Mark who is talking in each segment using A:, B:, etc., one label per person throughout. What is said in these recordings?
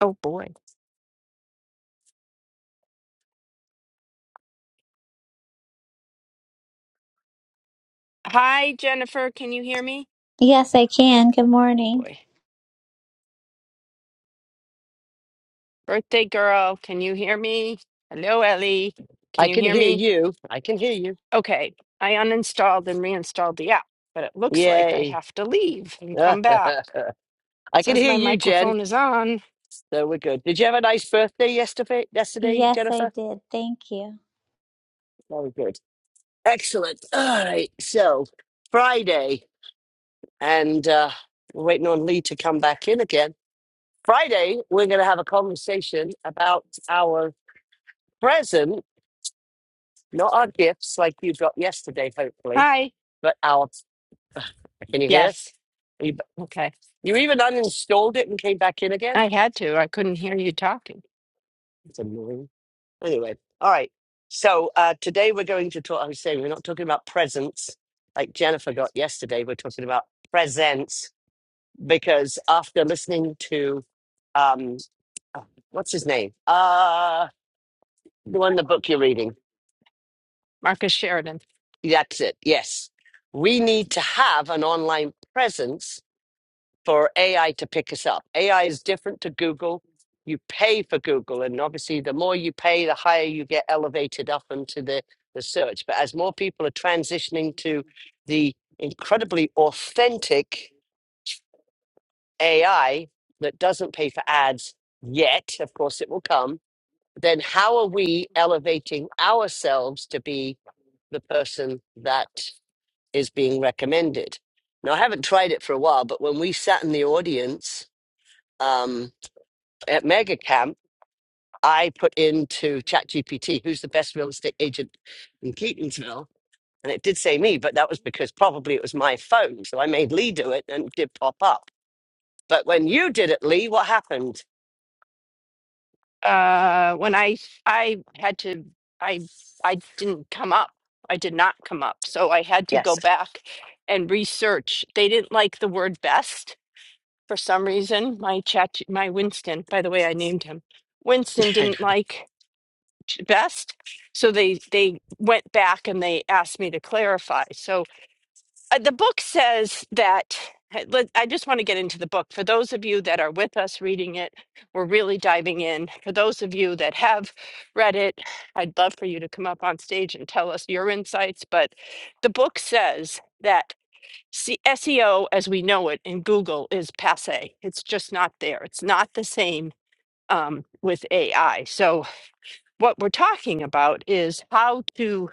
A: Oh boy. Hi, Jennifer. Can you hear me?
B: Yes, I can. Good
A: Oh
B: morning.
A: boy. Birthday girl, can you hear me? Hello, Ellie. Can
C: I
A: you
C: can
A: hear
C: hear
A: me?
C: you. I can hear you.
A: Okay. I uninstalled and reinstalled the app, but it looks like I
C: Yay.
A: have to leave and
C: I
A: come back.
C: can
A: says
C: hear
A: my
C: you, Jen.
A: microphone is on.
C: So we're good. Did you have a nice birthday yesterday, yesterday
B: Yes, I
C: Jennifer?
B: did. Thank you.
C: Very good. Excellent. All right. So Friday, and uh, we're waiting on Lee to come back in again. Friday, we're going to have a conversation about our present, not our gifts like you got yesterday, hopefully,
A: Hi.
C: but our. Can you hear?
A: Yes.
C: You,
A: Okay.
C: you even uninstalled it and came back in again?
A: I had to. I couldn't hear you talking.
C: It's annoying. Anyway, all right. So uh, today we're going to talk. I was saying we're not talking about presents like Jennifer got yesterday. We're talking about presents because after listening to um, oh, what's his name? Uh, the one the book you're reading.
A: Marcus Sheridan.
C: That's it. Yes, we need to have an online presence for AI to pick us up. AI is different to Google. You pay for Google, and obviously, the more you pay, the higher you get elevated up into the, the search. But as more people are transitioning to the incredibly authentic AI that doesn't pay for ads yet, of course, it will come, then how are we elevating ourselves to be the person that is being recommended? Now, I haven't tried it for a while, but when we sat in the audience, um, at MegaCamp, I put into ChatGPT, who's the best real estate agent in Keatonsville?" And it did say me, but that was because probably it was my phone. So I made Lee do it and it did pop up. But when you did it, Lee, what happened?
A: uh when i i had to i i didn't come up i did not come up so i had to go
C: Yes.
A: back and research they didn't like the word best for some reason my chat my winston by the way i named him winston
C: I
A: didn't
C: know.
A: like ch- best so they they went back and they asked me to clarify so uh, the book says that uh, let- I just want to get into the book. For those of you that are with us reading it, we're really diving in. For those of you that have read it, I'd love for you to come up on stage and tell us your insights. But the book says that se- SEO as we know it in Google is passe, it's just not there, it's not the same. Um, with AI. So, what we're talking about is how to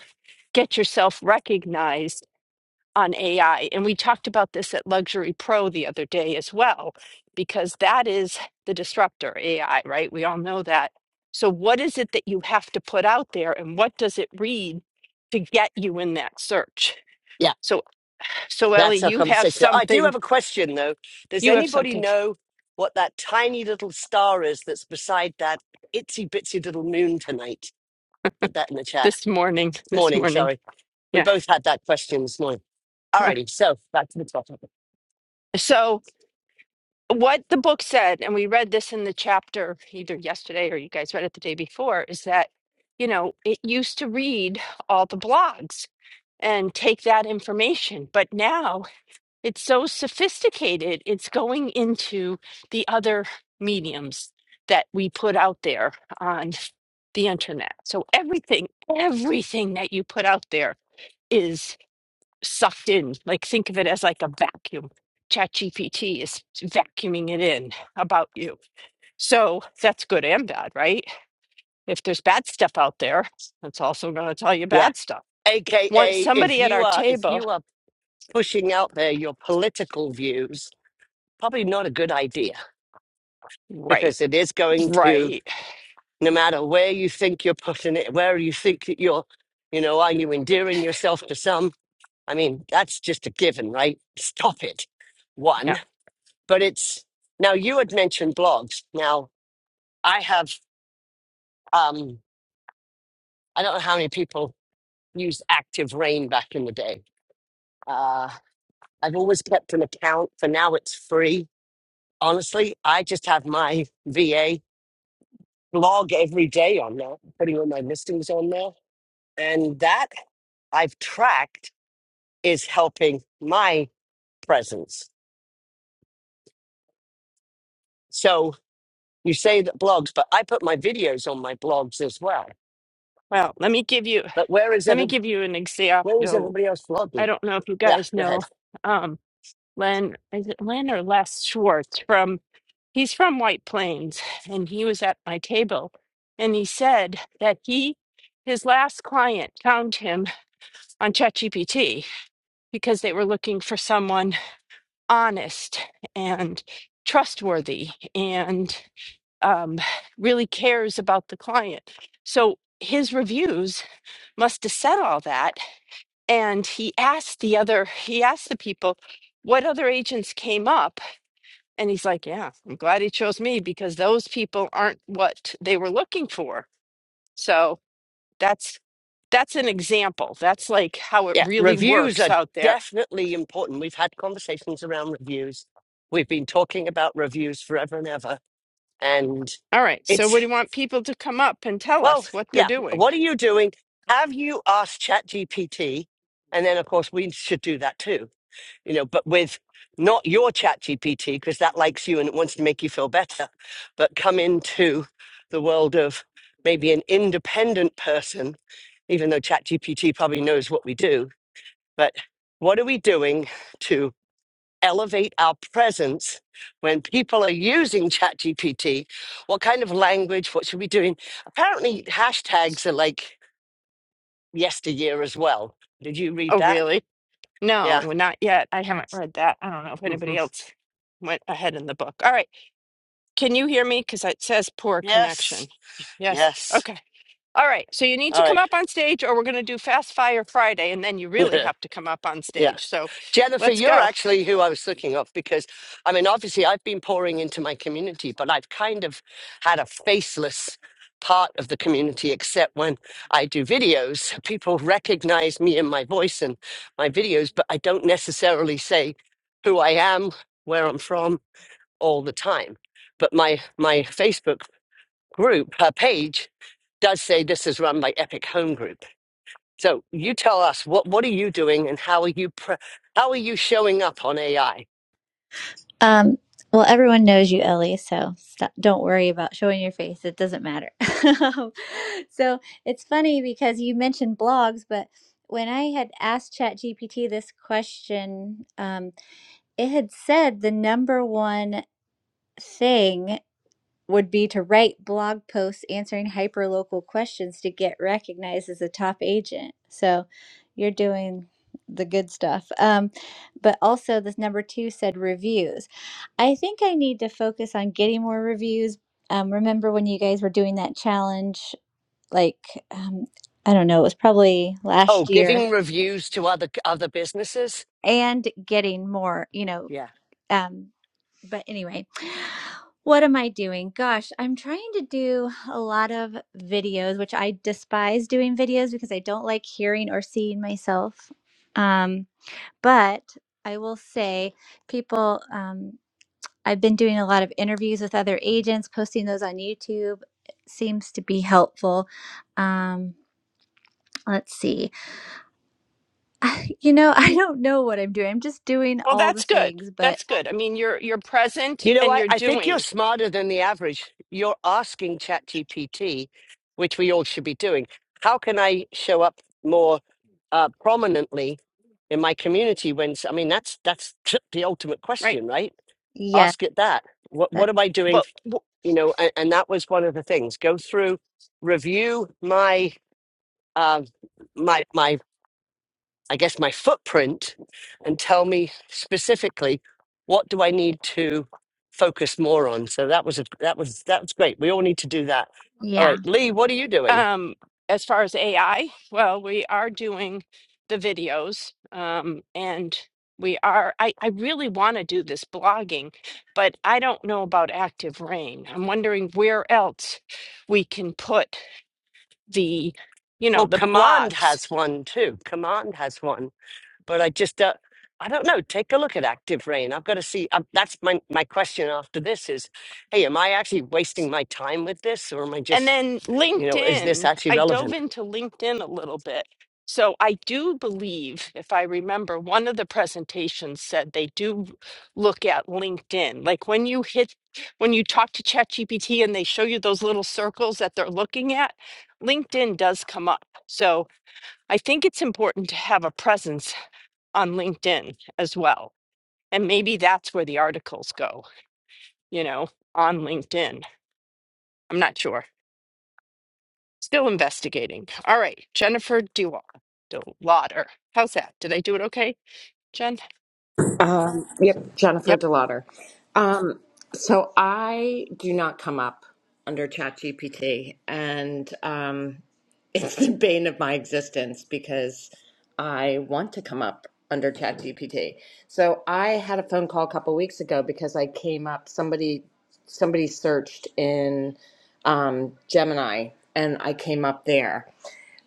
A: get yourself recognized on AI. And we talked about this at Luxury Pro the other day as well, because that is the disruptor, AI, right? We all know that. So, what is it that you have to put out there and what does it read to get you in that search?
C: Yeah,
A: So, so Ellie,
C: that's our
A: you have
C: conversation. I do
A: something,
C: have a question though. Does
A: you have
C: anybody
A: something
C: know what that tiny little star is that's beside that itsy bitsy little moon tonight? Put that in the chat.
A: this morning, this
C: Morning,
A: morning.
C: sorry. We
A: Yeah.
C: both had that question this morning. All
A: yeah.
C: righty, so back to the topic.
A: So, what the book said, and we read this in the chapter either yesterday or you guys read it the day before, is that, you know, it used to read all the blogs and take that information. But now it's so sophisticated, it's going into the other mediums that we put out there on the internet. So everything, everything that you put out there is sucked in. Like think of it as like a vacuum. ChatGPT is vacuuming it in about you. So that's good and bad, right? If there's bad stuff out there, it's also going to tell you
C: Yeah.
A: bad stuff. One,
C: AKA, if
A: somebody at
C: you
A: our
C: are if
A: table,
C: you are pushing out there your political views, probably not a good idea
A: right?
C: because it is going to
A: Right.
C: no matter where you think you're pushing it, where you think that you're, you know, are you endearing yourself to some? I mean, that's just a given, right? Stop it. One,
A: Yeah.
C: but it's now you had mentioned blogs. Now I have, um, I don't know how many people used Active Rain back in the day. Uh, I've always kept an account. For now, it's free honestly, I just have my VA blog every day on there, putting all my listings on there, And that I've tracked is helping my presence. So you say that blogs, but I put my videos on my blogs as well.
A: Well, let me give you
C: But where is
A: let me
C: every
A: give you an
C: where is
A: example.
C: everybody else
A: I
C: blogging?
A: don't know if you
C: Yeah,
A: guys
C: go
A: know
C: ahead.
A: um Len is it Len or Les Schwartz from he's from White Plains and he was at my table and he said that he his last client found him on ChatGPT because they were looking for someone honest and trustworthy and um, really cares about the client. So his reviews must have said all that. And he asked the other, he asked the people, what other agents came up? And he's like, yeah, I'm glad he chose me because those people aren't what they were looking for. So that's that's an example. That's like how it
C: Yeah.
A: really
C: Reviews
A: works
C: are
A: out there.
C: definitely important. We've had conversations around reviews. We've been talking about reviews forever and ever. And
A: All right. So
C: it's
A: what do you want people to come up and tell
C: Well,
A: us what they're
C: yeah.
A: doing?
C: What are you doing? Have you asked ChatGPT? And then, of course, we should do that too, you know, but with not your ChatGPT, because that likes you and it wants to make you feel better, but come into the world of maybe an independent person, even though ChatGPT probably knows what we do. But what are we doing to? elevate our presence when people are using ChatGPT? What kind of language? What should we be doing? Apparently, hashtags are like yesteryear as well. Did you read
A: Oh,
C: that?
A: really? No,
C: Yeah.
A: not yet. I haven't read that. I don't know if
C: hmm
A: anybody else went ahead in the book. All right. Can you hear me? Because it says poor connection.
C: Yes.
A: Yes.
C: Yes.
A: Okay. All right. So you need to come
C: All
A: up on stage, or we're going to do Fast Fire Friday, and then you really
C: right.
A: have to come up on
C: yeah.
A: stage. So
C: Jennifer,
A: let's
C: you're
A: go.
C: actually who I was looking up because, I mean, obviously I've been pouring into my community, but I've kind of had a faceless part of the community, except when I do videos. People recognize me and my voice and my videos, but I don't necessarily say who I am, where I'm from all the time. But my, my Facebook group, her page, does say this is run by Epic Home Group. So you tell us what what are you doing and how are you pre- how are you showing up on AI?
B: Um, well, everyone knows you, Ellie, so stop, don't worry about showing your face. It doesn't matter. so it's funny because you mentioned blogs, but when I had asked ChatGPT this question, um, it had said the number one thing would be to write blog posts answering hyperlocal questions to get recognized as a top agent. So you're doing the good stuff. Um, but also, this number two said reviews. I think I need to focus on getting more reviews. Um, remember when you guys were doing that challenge? Like, um, I don't know, it was probably
C: Oh,
B: last year,
C: giving reviews to other other businesses.
B: and getting more, you know.
C: Yeah.
B: Um, but anyway, what am I doing? Gosh, I'm trying to do a lot of videos, which I despise doing videos because I don't like hearing or seeing myself. Um, but I will say, people, um, I've been doing a lot of interviews with other agents, posting those on YouTube. It seems to be helpful. Um, let's see. you know, I don't know what I'm doing. I'm just doing
A: Well,
B: all the
A: that's good.
B: things, but
A: That's good. I mean, you're you're present
C: You know,
A: and
C: I,
A: you're
C: I think you're
A: doing
C: smarter than the average. You're asking ChatGPT, which we all should be doing. How can I show up more uh, prominently in my community? When s- I mean, that's that's the ultimate
A: right.
C: question, right?
B: yes,
C: Ask it that. What what
B: that's,
C: am I doing
A: But
C: you know and, and that was one of the things go through review my uh, my my I guess my footprint and tell me specifically what do I need to focus more on. So that was a that was that was great. We all need to do that. All
B: yeah.
C: right, Lee, what are you doing?
A: Um, as far as AI, well, we are doing the videos, um, and we are. I, I really want to do this blogging, but I don't know about Active Rain. I'm wondering where else we can put the, you know,
C: Well,
A: the
C: Command
A: blogs.
C: has one too. Command has one, but I just uh, I don't know. Take a look at Active Rain. I've got to see. Um, that's my my question after this is, hey, am I actually wasting my time with this, or am I
A: And
C: just
A: then
C: you know is this
A: LinkedIn,
C: actually
A: I
C: relevant?
A: dove into LinkedIn a little bit. So I do believe, if I remember, one of the presentations said they do look at LinkedIn. Like when you hit, when you talk to ChatGPT and they show you those little circles that they're looking at, LinkedIn does come up. So I think it's important to have a presence on LinkedIn as well. And maybe that's where the articles go, you know, on LinkedIn. I'm not sure. Still investigating. All right, Jennifer Dewar, Delauder. How's that? Did I do it okay, Jen?
D: Um, yep, Jennifer
A: Yep.
D: Delauder. Um, so I do not come up under ChatGPT, and um, it's the bane of my existence because I want to come up under ChatGPT. So I had a phone call a couple weeks ago because I came up somebody somebody searched in um, Gemini, and I came up there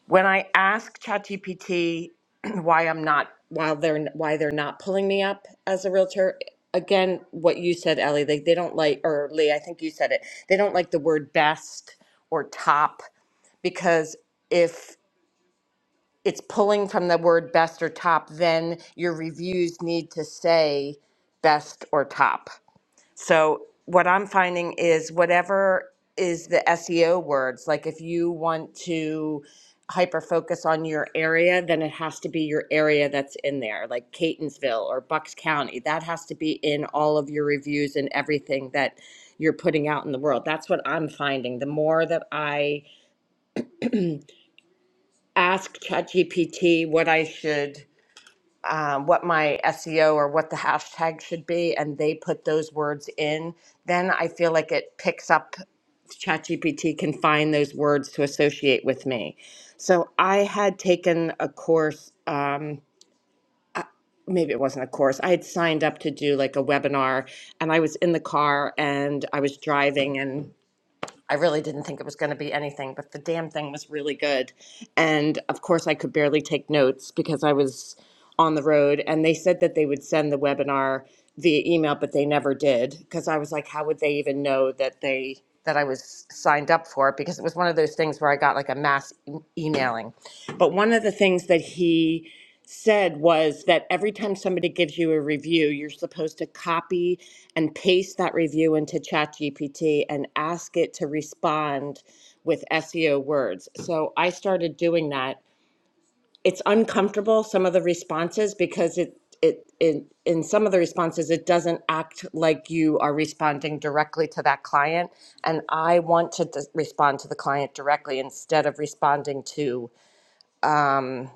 D: when I ask ChatGPT why I'm not while they're why they're not pulling me up as a realtor, again, what you said, Ellie, they they don't like or Lee, I think you said it. They don't like the word best or top because if it's pulling from the word best or top, then your reviews need to say best or top. So what I'm finding is whatever is the SEO words, like if you want to hyper focus on your area, then it has to be your area that's in there, like Catonsville or Bucks County. That has to be in all of your reviews and everything that you're putting out in the world. That's what I'm finding. The more that I ask ChatGPT what I should um, what my SEO or what the hashtag should be, and they put those words in, then I feel like it picks up. ChatGPT can find those words to associate with me. So I had taken a course. Um, uh, maybe it wasn't a course. I had signed up to do like a webinar, and I was in the car and I was driving, and. I really didn't think it was going to be anything, but the damn thing was really good. And of course, I could barely take notes because I was on the road. And they said that they would send the webinar via email, but they never did because I was like, how would they even know that they that I was signed up for it? Because it was one of those things where I got like a mass e- emailing. But one of the things that he said was that every time somebody gives you a review, you're supposed to copy and paste that review into ChatGPT and ask it to respond with SEO words. So I started doing that. It's uncomfortable some of the responses because it it, it in some of the responses it doesn't act like you are responding directly to that client and i want to d- respond to the client directly instead of responding to um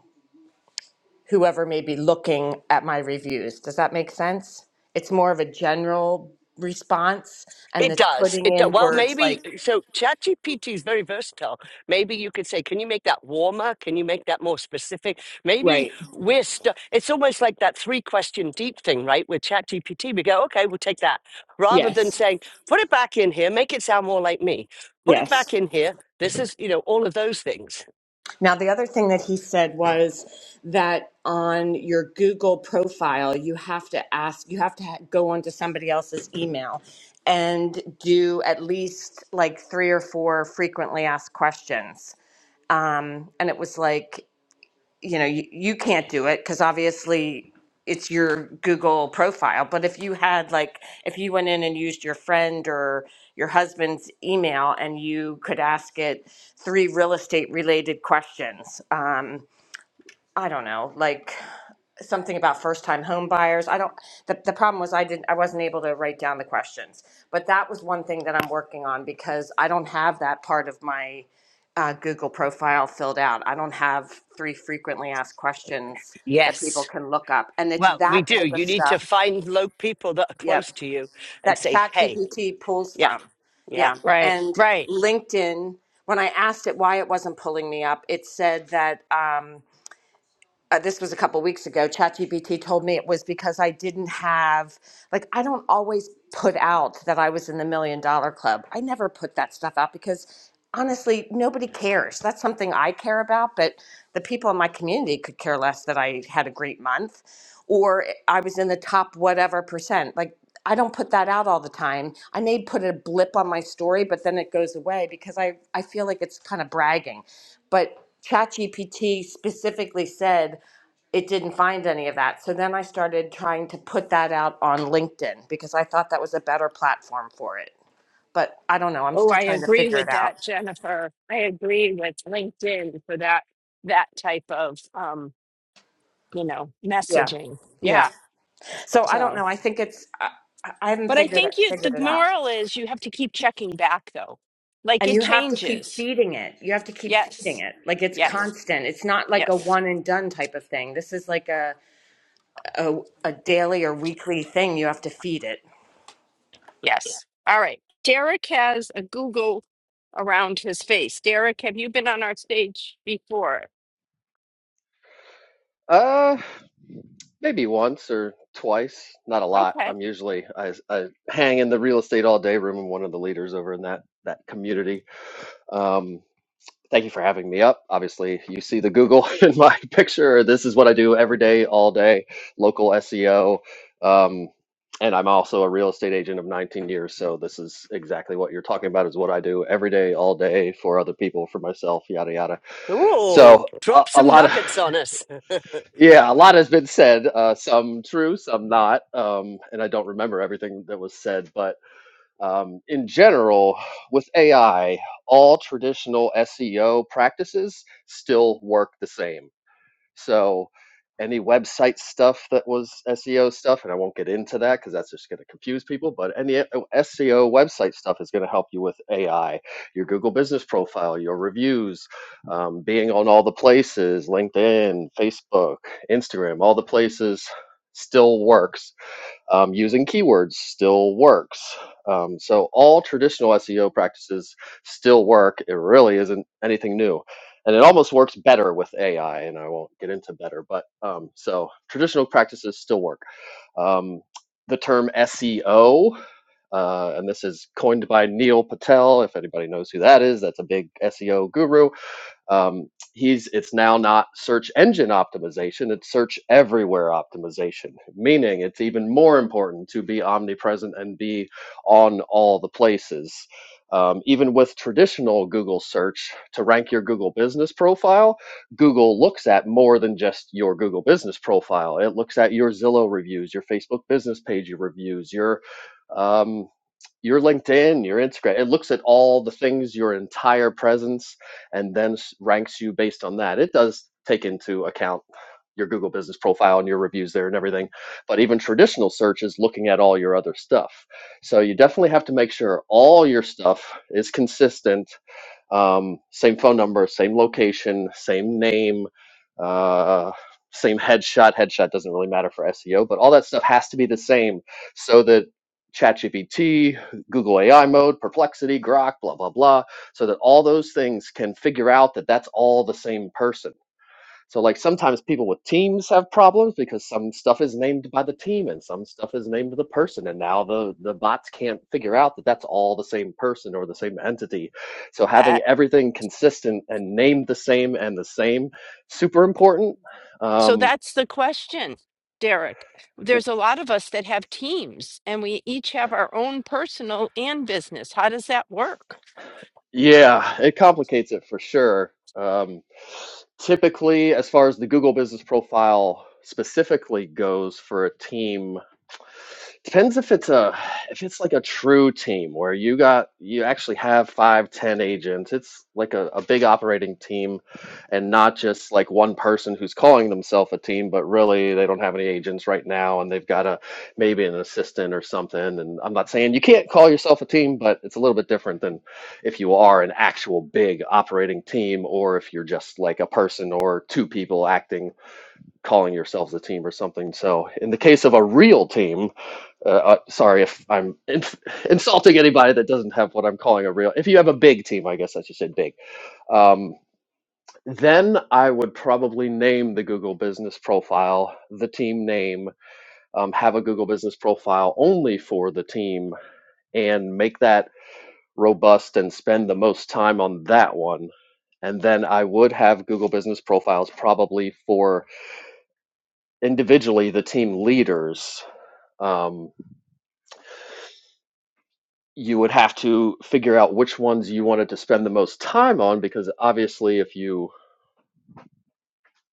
D: whoever may be looking at my reviews. Does that make sense? It's more of a general response and
C: It
D: it's
C: does.
D: putting
C: It do-
D: in
C: well,
D: words
C: maybe
D: like
C: uh, so. ChatGPT is very versatile. Maybe you could say, "Can you make that warmer? Can you make that more specific?" Maybe
D: Right.
C: we're stu It's almost like that three-question deep thing, right? With ChatGPT, we go, "Okay, we'll take that," rather than
D: Yes.
C: saying, "Put it back in here. Make it sound more like me. Put it back
D: Yes.
C: in here. This is, you know, all of those things."
D: Now, the other thing that he said was that on your Google profile, you have to ask, you have to ha- go onto somebody else's email and do at least like three or four frequently asked questions. Um, and it was like you know, you, you can't do it because obviously it's your Google profile. But if you had like, if you went in and used your friend or your husband's email and you could ask it three real estate related questions, um, I don't know, like something about first time home buyers. I don't the, the problem was I didn't I wasn't able to write down the questions. But that was one thing that I'm working on because I don't have that part of my uh, Google profile filled out. I don't have three frequently asked questions that people
C: Yes.
D: can look up. And it's
C: Well, we
D: that
C: do.
D: type of
C: You need to
D: stuff.
C: find low people that are
D: Yep.
C: close to you and
D: That
C: say,
D: ChatGPT
C: "Hey,
D: pulls
C: yeah,
D: from.
C: yeah."
D: Yeah.
A: Right,
D: And
A: right.
D: LinkedIn, when I asked it why it wasn't pulling me up, it said that um, uh, this was a couple weeks ago chatgpt told me it was because i didn't have like i don't always put out that i was in the million dollar club i never put that stuff out because honestly nobody cares that's something i care about but the people in my community could care less that i had a great month or i was in the top whatever percent like i don't put that out all the time i may put a blip on my story but then it goes away because i, I feel like it's kind of bragging but ChatGPT specifically said it didn't find any of that. So then I started trying to put that out on LinkedIn because I thought that was a better platform for it. But I don't know. I'm
A: Oh,
D: still
A: I
D: trying to
A: agree
D: figure it
A: with
D: out.
A: that, Jennifer. I agree with LinkedIn for that that type of um, you know,
D: Yeah.
A: messaging.
D: Yeah.
A: Yeah.
D: So I don't
A: So,
D: know. I think it's I, I haven't
A: but I
D: figured it
A: think you the
D: figured it out.
A: moral is you have to keep checking back though. Like
D: And
A: it
D: you have to keep
A: changes.
D: feeding it. You have to keep feeding
A: Yes.
D: it. Like it's
A: Yes.
D: constant. It's not like a
A: Yes.
D: one and done type of thing. This is like a a, a daily or weekly thing you have to feed it.
A: Yes. All right. Derek has a Google around his face. Derek, have you been on our stage before?
E: Uh, maybe once or twice. Not a lot.
A: Okay.
E: I'm usually I, I hang in the real estate all day room. I'm one of the leaders over in that that community. Um, thank you for having me up. Obviously, you see the Google in my picture. This is what I do every day, all day. Local SEO. Um, and I'm also a real estate agent of 19 years, so this is exactly what you're talking about. Is what I do every day, all day for other people, for myself, yada yada.
C: Ooh,
E: So a,
C: drop
E: a
C: some
E: lot of
C: nuggets on us.
E: Yeah, a lot has been said, uh, some true, some not. Um, and I don't remember everything that was said, but um, in general, with AI, all traditional SEO practices still work the same. So any website stuff that was SEO stuff, and I won't get into that because that's just going to confuse people, but any uh, SEO website stuff is going to help you with AI, your Google business profile, your reviews, um, being on all the places, LinkedIn, Facebook, Instagram, all the places still works um, using keywords still works. Um, so all traditional SEO practices still work. It really isn't anything new. And it almost works better with AI, and I won't get into better, but um, so traditional practices still work. Um, the term SEO, uh, and this is coined by Neil Patel. If anybody knows who that is, that's a big SEO guru um, he's it's now not search engine optimization it's search everywhere optimization meaning it's even more important to be omnipresent and be on all the places um, even with traditional google search to rank your google business profile google looks at more than just your google business profile it looks at your zillow reviews your facebook business page reviews your um, your LinkedIn, your Instagram. It looks at all the things, your entire presence, and then ranks you based on that. It does take into account your Google business profile and your reviews there and everything. But even traditional search is looking at all your other stuff. So you definitely have to make sure all your stuff is consistent um, same phone number, same location, same name, uh, same headshot. Headshot doesn't really matter for SEO, but all that stuff has to be the same so that ChatGPT, Google AI mode, Perplexity, Grok, blah, blah, blah, so that all those things can figure out that that's all the same person so like sometimes people with teams have problems because some stuff is named by the team and some stuff is named the person, and now the the bots can't figure out that that's all the same person or the same entity. So
A: Uh,
E: having everything consistent and named the same and the same, super important.
A: so
E: Um,
A: that's the question, Derek. There's a lot of us that have teams and we each have our own personal and business. How does that work?
E: yeah, it complicates it for sure. Um, typically, as far as the Google Business Profile specifically goes for a team Depends if it's a if it's like a true team where you got you actually have five, ten agents. It's like a, a big operating team and not just like one person who's calling themselves a team, but really they don't have any agents right now and they've got a maybe an assistant or something. And I'm not saying you can't call yourself a team, but it's a little bit different than if you are an actual big operating team or if you're just like a person or two people acting calling yourselves a team or something. So in the case of a real team uh, uh, sorry if I'm inf insulting anybody that doesn't have what I'm calling a real. If you have a big team, I guess I should say big. Um, then I would probably name the Google Business Profile the team name. Um, have a Google Business Profile only for the team, and make that robust and spend the most time on that one. And then I would have Google Business Profiles probably for individually the team leaders. Um, you would have to figure out which ones you wanted to spend the most time on because obviously if you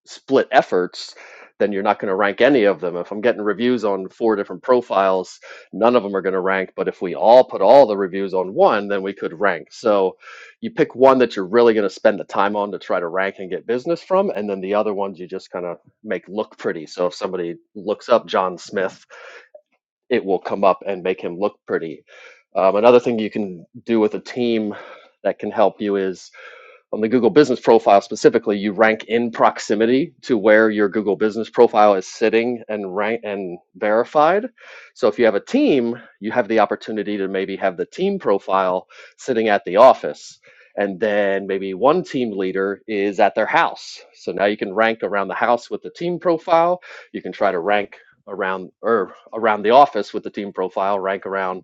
E: split efforts then you're not going to rank any of them if i'm getting reviews on four different profiles none of them are going to rank but if we all put all the reviews on one then we could rank so you pick one that you're really going to spend the time on to try to rank and get business from and then the other ones you just kind of make look pretty so if somebody looks up john smith it will come up and make him look pretty. Um, another thing you can do with a team that can help you is on the Google Business Profile specifically, you rank in proximity to where your Google Business Profile is sitting and rank and verified. So if you have a team, you have the opportunity to maybe have the team profile sitting at the office. And then maybe one team leader is at their house. So now you can rank around the house with the team profile. You can try to rank around or around the office with the team profile, rank around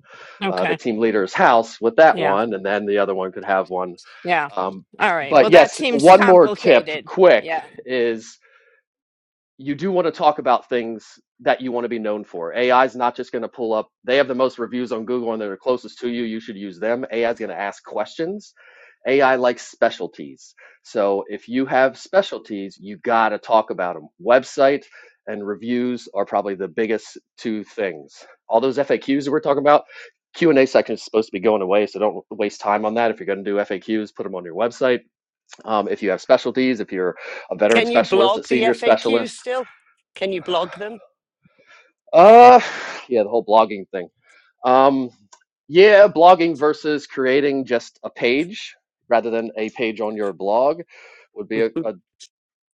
E: uh, the
A: Okay.
E: team leader's house with that
A: Yeah.
E: one. And then the other one could have one
A: Yeah.
E: um,
A: All right. Well,
E: but
A: that
E: yes,
A: seems
E: one more tip,
A: complicated. Yeah.
E: quick, is you do want to talk about things that you want to be known for. AI is not just going to pull up, they have the most reviews on Google and they're closest to you. You should use them. AI is going to ask questions. AI likes specialties. So if you have specialties, you got to talk about them. Website and reviews are probably the biggest two things. All those FAQs that we're talking about, Q&A section is supposed to be going away, so don't waste time on that. If you're going to do FAQs, put them on your website um, if you have specialties, if you're a veteran
C: Can you
E: specialist, a
C: blog the
E: senior
C: FAQs
E: specialist.
C: still? Can you blog them?
E: Uh, yeah, the whole blogging thing. Um, yeah, blogging versus creating just a page rather than a page on your blog would be a, a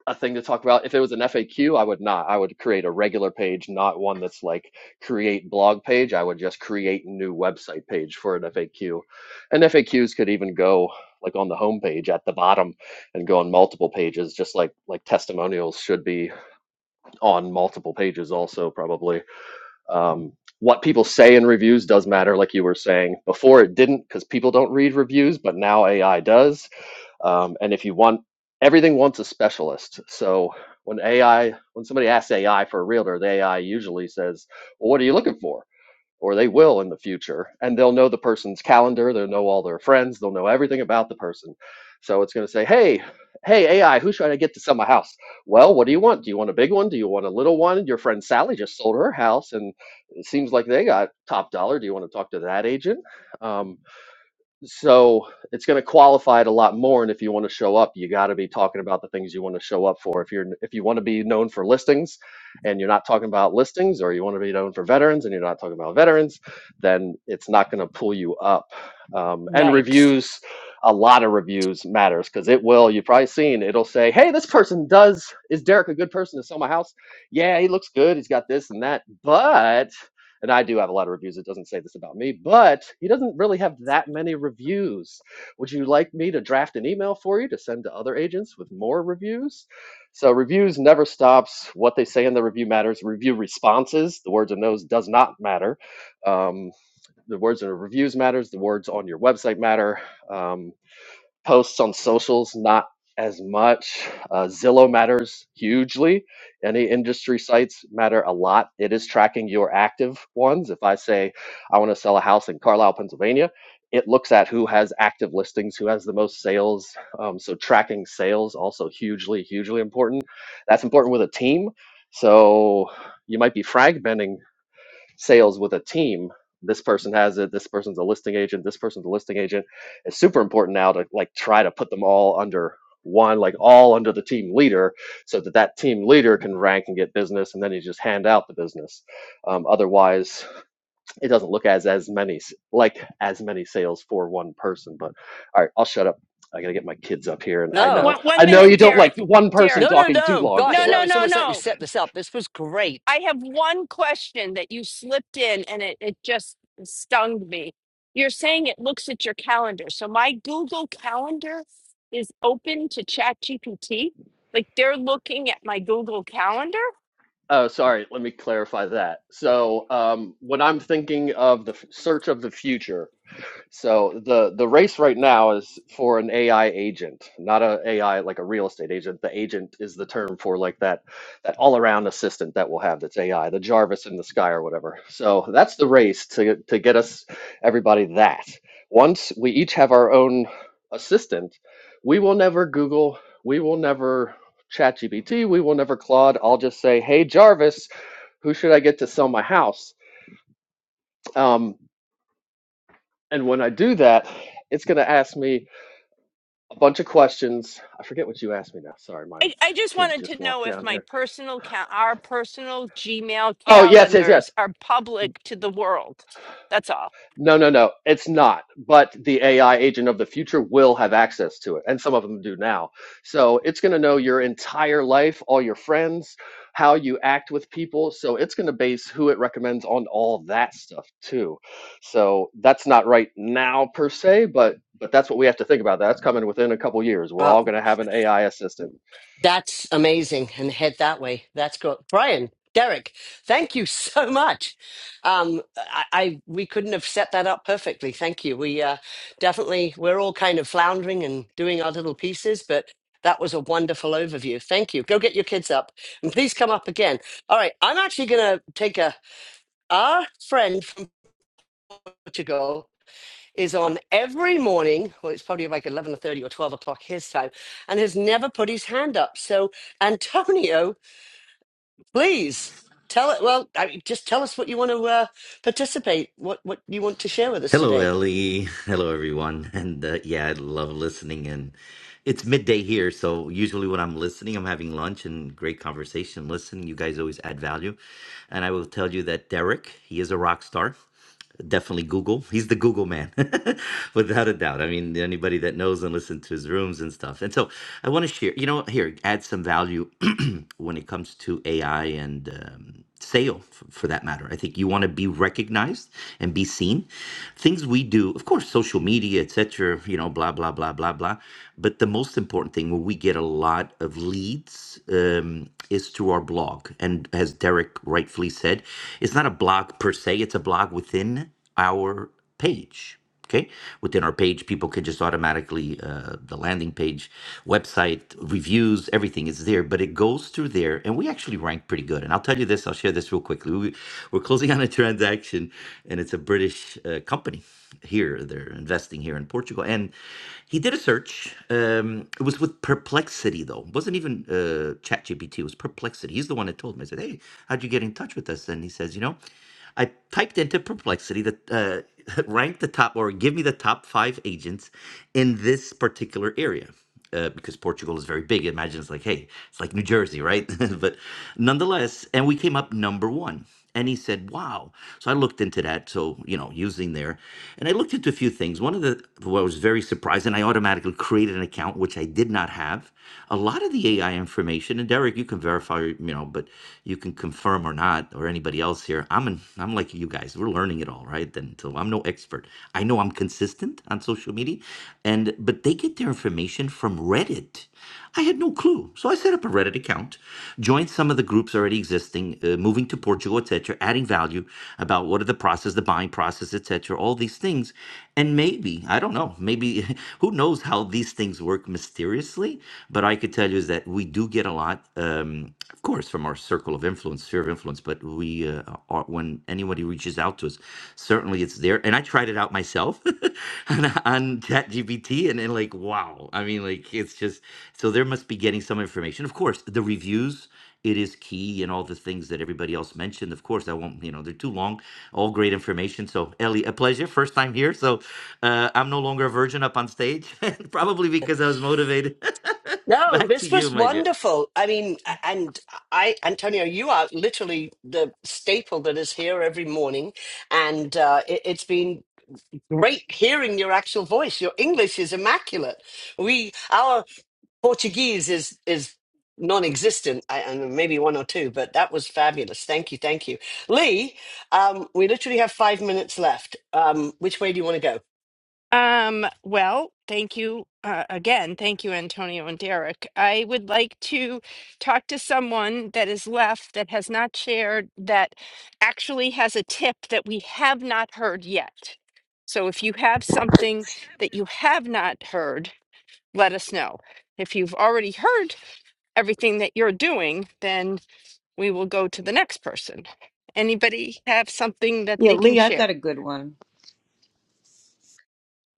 E: a thing to talk about. If it was an FAQ, I would not. I would create a regular page, not one that's like create blog page. I would just create a new website page for an FAQ. And FAQs could even go like on the homepage at the bottom and go on multiple pages, just like like testimonials should be on multiple pages also probably. Um, what people say in reviews does matter, like you were saying. Before it didn't because people don't read reviews, but now AI does um, and if you want everything wants a specialist. So when AI, when somebody asks AI for a realtor, the AI usually says, well, "What are you looking for?" Or they will in the future, and they'll know the person's calendar. They'll know all their friends. They'll know everything about the person. So it's going to say, "Hey, hey AI, who should I get to sell my house?" Well, what do you want? Do you want a big one? Do you want a little one? Your friend Sally just sold her house, and it seems like they got top dollar. Do you want to talk to that agent? Um, so it's going to qualify it a lot more. And if you want to show up, you got to be talking about the things you want to show up for. If you're if you want to be known for listings, and you're not talking about listings, or you want to be known for veterans and you're not talking about veterans, then it's not going to pull you up. Um, and
A: Yikes.
E: reviews, a lot of reviews matters because it will. You've probably seen it'll say, "Hey, this person does is Derek a good person to sell my house? Yeah, he looks good. He's got this and that, but." and I do have a lot of reviews. It doesn't say this about me, but he doesn't really have that many reviews. Would you like me to draft an email for you to send to other agents with more reviews? So reviews never stops. What they say in the review matters. Review responses, the words in those does not matter. Um, the words in the reviews matters. The words on your website matter. Um, posts on socials not as much uh, zillow matters hugely any industry sites matter a lot it is tracking your active ones if i say i want to sell a house in carlisle pennsylvania it looks at who has active listings who has the most sales um, so tracking sales also hugely hugely important that's important with a team so you might be fragmenting sales with a team. This person has it. This person's a listing agent. This person's a listing agent. It's super important now to like try to put them all under one, like all under the team leader, so that that team leader can rank and get business, and then you just hand out the business. Um, otherwise, it doesn't look as as many like as many sales for one person. But all right, I'll shut up. I gotta get my kids up here, and I
C: No.
E: know
A: One, one
E: I know
A: minute,
E: you don't like
A: Derek.
E: one person
A: Derek.
C: No, no,
E: talking too
C: no.
E: long,
A: No,
C: Gosh,
E: so
C: no,
E: I'll
A: no,
C: it's
A: no,
C: almost like we
A: no.
C: set this up. This was
A: I
C: great.
A: have one question that you slipped in and it, it just stung me. You're saying it looks at your calendar. So my Google Calendar is open to ChatGPT. Like they're looking at my Google Calendar.
E: Oh, sorry. Let me clarify that. So, um, when I'm thinking of the f- search of the future, So the the race right now is for an AI agent, not a AI like a real estate agent. The agent is the term for like that that all around assistant that we'll have that's AI, the Jarvis in the sky or whatever. So that's the race to to get us everybody that. Once we each have our own assistant, we will never Google, we will never ChatGPT, we will never Claude. I'll just say, "Hey Jarvis, who should I get to sell my house?" Um, and when I do that, it's going to ask me a bunch of questions. I forget what you asked me now. Sorry, my
A: I, I just
E: kids
A: wanted
E: just
A: to
E: walked
A: know if
E: down
A: my
E: here.
A: personal ca- our personal Gmail
E: Oh, yes, yes,
A: calendars
E: yes.
A: are public to the world. That's all.
E: No, no, no. It's not. But the AI agent of the future will have access to it, and some of them do now. So it's going to know your entire life, all your friends, how you act with people. So it's going to base who it recommends on all that stuff too. So that's not right now per se, but but that's what we have to think about. That's coming within a couple years. We're all
C: Well,
E: going to have an AI assistant
C: that's amazing. And head that way. That's good. Brian, Derek, thank you so much. Um, I, I we couldn't have set that up perfectly. Thank you. We uh, definitely we're all kind of floundering and doing our little pieces, but that was a wonderful overview. Thank you. Go get your kids up and please come up again. All right, I'm actually gonna take a our friend to go is on every morning well it's probably like 11:30 or or 12 o'clock his time and has never put his hand up so antonio please tell it well I mean, just tell us what you want to uh, participate what what you want to share with us
F: Hello,
C: today
F: Ellie. Hello, everyone. And uh, yeah, I love listening. And it's midday here. So usually when I'm listening, I'm having lunch and great conversation. Listening, you guys always add value. And I will tell you that Derek, he is a rock star. Definitely Google. He's the Google man, without a doubt. I mean, anybody that knows and listens to his rooms and stuff. And so I want to share, you know, here, add some value when it comes to AI and um, sale f- for that matter. I think you want to be recognized and be seen things we do, of course, social media, etc., you know, blah, blah, blah, blah, blah. But the most important thing where we get a lot of leads um, is through our blog. And as Derek rightfully said, it's not a blog per se, it's a blog within our page. Okay, within our page, people can just automatically uh, the landing page, website reviews, everything is there. But it goes through there, and we actually rank pretty good. And I'll tell you this, I'll share this real quickly. We, we're closing on a transaction, and it's a British uh, company here. They're investing here in Portugal, and he did a search. Um, it was with Perplexity though, it wasn't even uh, ChatGPT. It was Perplexity. He's the one that told me. I said, "Hey, how'd you get in touch with us?" And he says, "You know." I typed into Perplexity the uh, rank the top or give me the top five agents in this particular area. Uh, because Portugal is very big. Imagine it's like, hey, it's like New Jersey, right? but nonetheless, and we came up number one. And he said, wow. So I looked into that. So, you know, using there. And I looked into a few things. One of the, what was very surprised, and I automatically created an account, which I did not have a lot of the AI information, and Derek, you can verify, you know, but you can confirm or not, or anybody else here. I'm an, I'm like you guys. We're learning it all, right? Then, so I'm no expert. I know I'm consistent on social media, and but they get their information from Reddit. I had no clue, so I set up a Reddit account, joined some of the groups already existing, uh, moving to Portugal, etc., adding value about what are the process, the buying process, etc., all these things, and maybe, I don't know, maybe who knows how these things work mysteriously, but I could tell you is that we do get a lot, um, of course, from our circle of influence, sphere of influence, but we, uh, are, when anybody reaches out to us, certainly it's there. And I tried it out myself on, on ChatGPT and, and like, wow. I mean, like, it's just, so there must be getting some information. Of course, the reviews, it is key and all the things that everybody else mentioned. Of course, I won't, you know, they're too long, all great information. So, Ellie, a pleasure. First time here. So, uh, I'm no longer a virgin up on stage, probably because I was motivated.
C: No,
F: Back to
C: this
F: you,
C: was
F: my dear.
C: wonderful. I mean, a- and I, Antonio, you are literally the staple that is here every morning. And uh, it, it's been great hearing your actual voice. Your English is immaculate. We, our Portuguese is, is non existent, I and maybe one or two, but that was fabulous. Thank you. Thank you. Lee, um, we literally have five minutes left. Um, which way do you want to
A: Um, well, thank you uh, again. Thank you, Antonio and Derek. I would like to talk to someone that is left that has not shared, that actually has a tip that we have not heard yet. So if you have something that you have not heard, let us know. If you've already heard everything that you're doing, then we will go to the next person. Anybody have something that
G: Yeah,
A: they can
G: Lee, I've
A: share?
G: got a good one.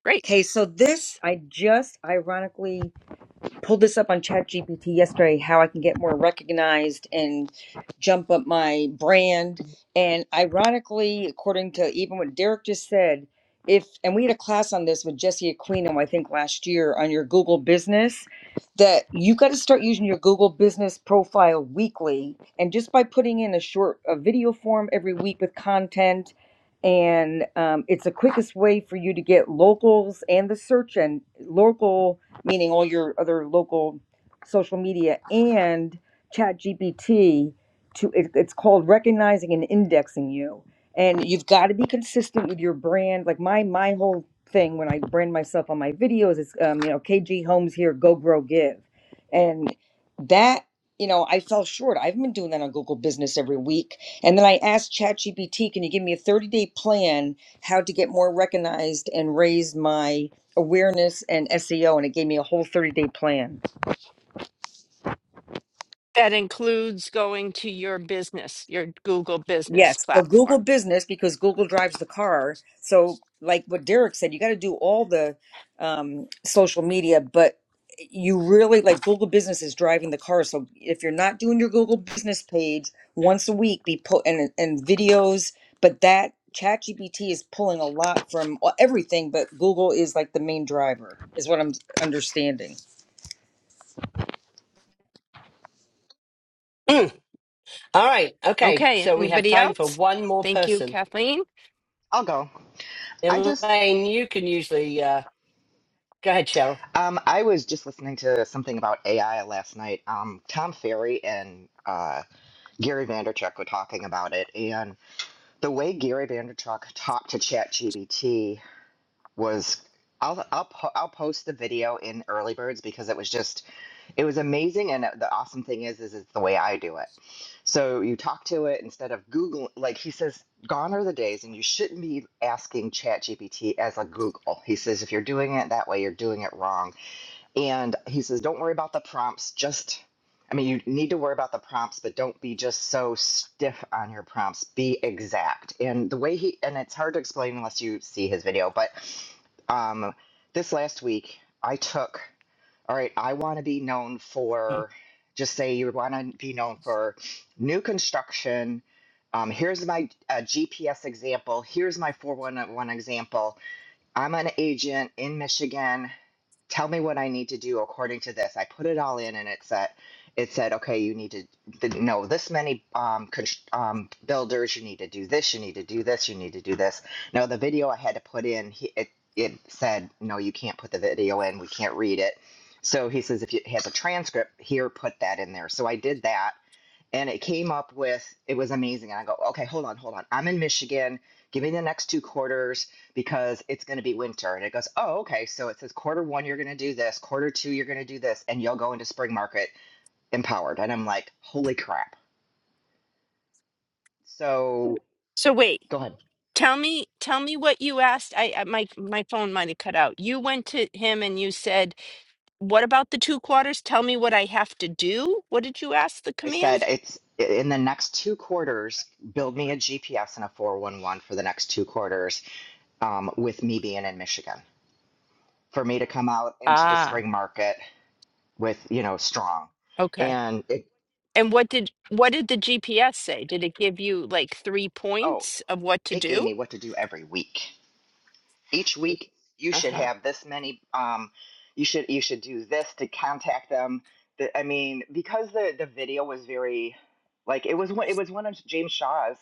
A: Great.
G: Okay, so this I just ironically pulled this up on ChatGPT yesterday how I can get more recognized and jump up my brand. And ironically, according to even what Derek just said, if and we had a class on this with Jesse Aquino, I think last year on your Google business, that you got to start using your Google business profile weekly. And just by putting in a short a video form every week with content, and um, it's the quickest way for you to get locals and the search and local meaning all your other local social media and ChatGPT to it, it's called recognizing and indexing you and you've got to be consistent with your brand like my my whole thing when i brand myself on my videos is um, you know kg homes here go grow give and that you know i fell short i've been doing that on google business every week and then i asked ChatGPT, can you give me a 30 day plan how to get more recognized and raise my awareness and SEO, and it gave me a whole 30 day plan.
A: That includes going to your business, your Google business
G: Yes. So Google
A: platform.
G: business, because Google drives the car. So, like what Derek said, you got to do all the um, social media, but you really like Google business is driving the car. So, if you're not doing your Google business page once a week, be put and, and videos, but that ChatGPT is pulling a lot from uh, everything, but Google is like the main driver, is what I'm understanding.
C: go? Mm, All right. Okay.
A: Okay,
C: So we have
A: anybody
C: time for
A: else?
C: one more
A: Thank you,
C: person.
A: Kathleen.
H: I'll go. I just
C: Elaine, you can usually uh, go ahead, Cheryl.
H: um I was just listening to something about AI last night. Um Tom Ferry and uh Gary Vanderchuk were talking about it and the way Gary Vanderchuk talked to ChatGPT was I'll I'll po- I'll post the video in Early Birds because it was just it was amazing and uh, the awesome thing is is it's the way i do it so you talk to it instead of google like he says gone are the days and you shouldn't be asking ChatGPT as a google he says if you're doing it that way you're doing it wrong and he says don't worry about the prompts just i mean you need to worry about the prompts but don't be just so stiff on your prompts be exact and the way he and it's hard to explain unless you see his video but um, this last week i took all right, I want to be known
A: Oh.
H: for, just say you want to be known for new construction. Um, here's my uh, GPS example. Here's my 411 example. I'm an agent in Michigan tell me what I need to do according to this. I put it all in, and it said, it said, okay, you need to th- know this many um, const- um, builders. You need to do this. You need to do this. You need to do this. Now the video I had to put in, he, it it said, no, you can't put the video in. We can't read it. So he says, if you have a transcript here, put that in there. So I did that and it came up with it was amazing. And I go, okay, hold on, hold on. I'm in Michigan. Give me the next two quarters because it's going to be winter. And it goes, oh, okay. So it says quarter one, you're going to do this. Quarter two, you're going to do this, and you'll go into spring market empowered. And I'm like, holy crap. So
A: So wait,
H: go ahead.
A: tell me tell me what you asked. I I- my my phone might have cut out. You went to him and you said, "What about the two quarters? Tell me what I have to do." What did you ask the
H: I said,
A: command?
H: it's in the next two quarters, build me a GPS and a 411 for the next two quarters um, with me being in Michigan for me to come out into the
A: Ah,
H: spring market with, you know, strong
A: okay.
H: and it.
A: And what did what did the GPS say? Did it give you like 3
H: Oh,
A: points of what to
H: it gave
A: do?
H: me what to do every week. Each week, you should
A: Uh-huh.
H: have this many. Um, you should you should do this to contact them. The, I mean, because the the video was very, like it was one it was one of James Shaw's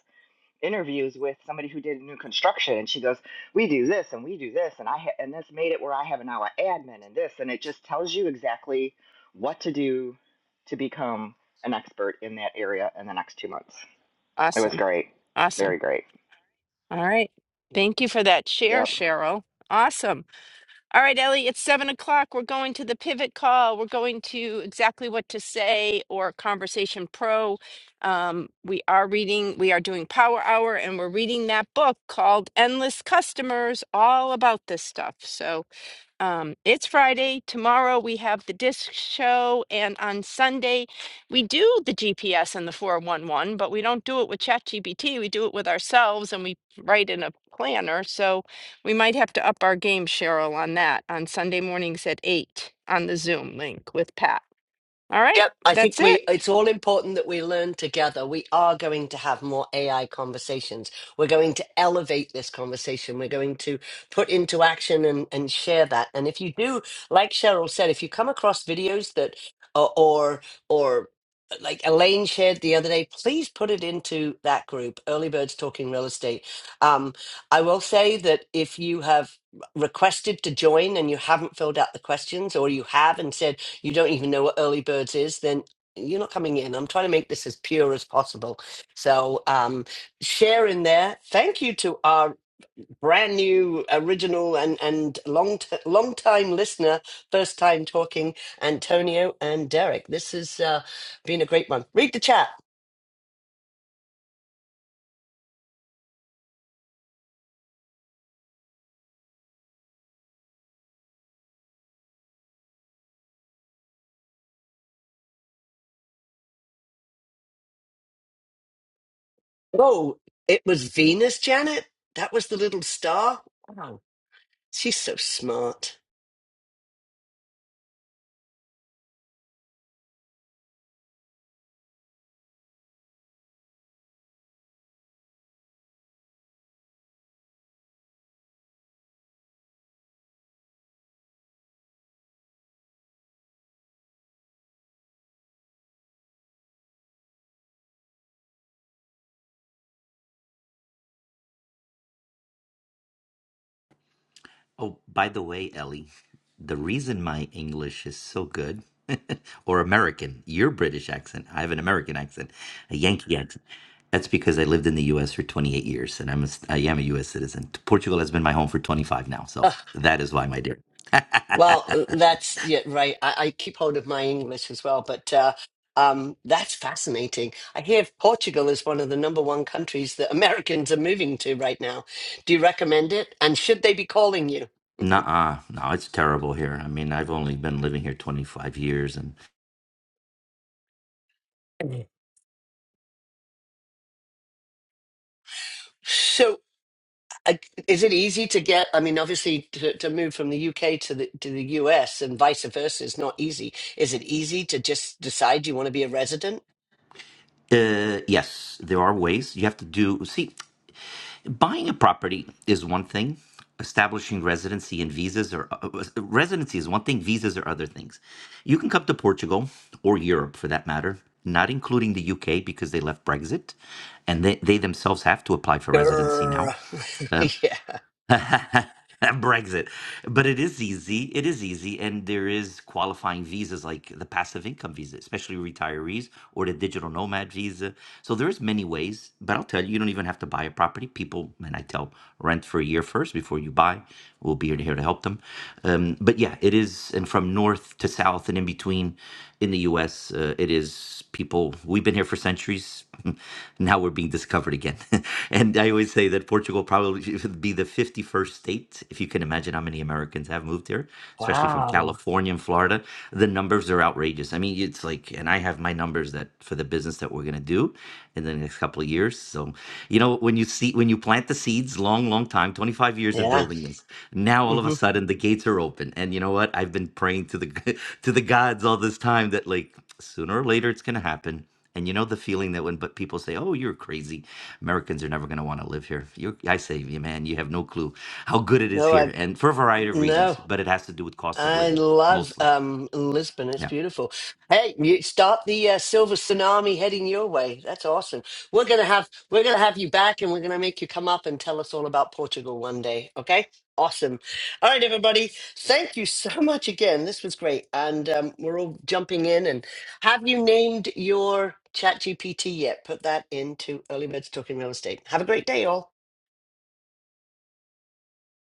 H: interviews with somebody who did new construction, and she goes, "We do this and we do this, and I ha- and this made it where I have now an admin and this, and it just tells you exactly what to do to become an expert in that area in the next two months. It was
A: Awesome.
H: great,
A: Awesome.
H: very great.
A: All right. Thank you for that share,
H: Yep.
A: Cheryl. Awesome. All right, Ellie, it's seven o'clock. We're going to the pivot call. We're going to exactly what to say or Conversation Pro. Um, we are reading, we are doing Power Hour, and we're reading that book called Endless Customers, all about this stuff. So um, it's Friday. Tomorrow we have the disc show, and on Sunday we do the GPS and the 411, but we don't do it with ChatGPT. We do it with ourselves and we write in a planner. So we might have to up our game, Cheryl, on that on Sunday mornings at 8 on the Zoom link with Pat. All right,
C: Yep, I
A: that's
C: think
A: it.
C: we it's all important that we learn together. We are going to have more AI conversations. We're going to elevate this conversation. We're going to put into action and, and share that. And if you do, like Cheryl said, if you come across videos that or or, or like Elaine shared the other day, please put it into that group, Early Birds Talking Real Estate. Um, I will say that if you have requested to join and you haven't filled out the questions or you have and said you don't even know what early birds is, then you're not coming in. I'm trying to make this as pure as possible. So um, share in there. Thank you to our brand new, original, and and long t- long time listener, first time talking, Antonio and Derek. This has uh, been a great one. Read the chat. Oh, it was Venus, Janet. That was the little star. Wow, she's so smart.
F: Oh, by the way, Ellie, the reason my English is so good, or American, your British accent, I have an American accent, a Yankee accent. That's because I lived in the U.S. for 28 years, and I'm a, s- I am a U.S. citizen. Portugal has been my home for 25 now, so that is why, my dear.
C: Well, uh, that's yeah, right. I, I keep hold of my English as well, but uh, um, that's fascinating. I hear Portugal is one of the number one countries that Americans are moving to right now. Do you recommend it? And should they be calling you?
F: Nuh-uh. No, it's terrible here. I mean, I've only been living here 25 years, and
C: So. I- Is it easy to get? I mean, obviously, to, to move from the UK to the to the US and vice versa is not easy. Is it easy to just decide you want to be a resident?
F: Uh, yes, there are ways. You have to do, see, buying a property is one thing. Establishing residency and visas or uh, uh, residency is one thing, visas are other things. You can come to Portugal or Europe for that matter, not including the UK because they left Brexit and they, they themselves have to apply for residency
C: Grr.
F: now. Uh,
C: yeah.
F: Brexit. But it is easy. It is easy. And there is qualifying visas like the passive income visa, especially retirees or the digital nomad visa. So there's many ways, but I'll tell you, you don't even have to buy a property. People, and I tell rent for a year first before you buy. We'll be here to help them. Um, but yeah, it is. And from north to south and in between in the US, uh, it is people, we've been here for centuries. now we're being discovered again. and I always say that that Portugal probably should be the 51st state, if you can imagine how many Americans have moved here, especially from
C: Wow.
F: California and Florida. The numbers are outrageous. I mean, it's like, and I have my numbers that for the business that we're going to do in the next couple of years. So, you know, when you see, when you plant the seeds, long, long time, 25 years of
C: Yeah.
F: building this, now all of a
C: hmm
F: sudden the gates are open. And you know what? I've been praying to the, to the gods all this time that like sooner or later it's going to happen. And you know the feeling that when but people say, "Oh, you're crazy," Americans are never going to want to live here. You, I say, you man, you have no clue how good it is
C: No,
F: here,
C: I
F: and for a variety of
C: no.
F: reasons. But it has to do with cost of
C: I
F: living,
C: love
F: mostly.
C: um, Lisbon. It's
F: Yeah.
C: beautiful. Hey, you stop the uh, silver tsunami heading your way. That's awesome. We're gonna have we're gonna have you back, and we're gonna make you come up and tell us all about Portugal one day. Okay? Awesome. All right, everybody. Thank you so much again. This was great, and um, we're all jumping in. And have you named your Chat GPT yet? Put that into Early Birds Talking Real Estate. Have a great day, all.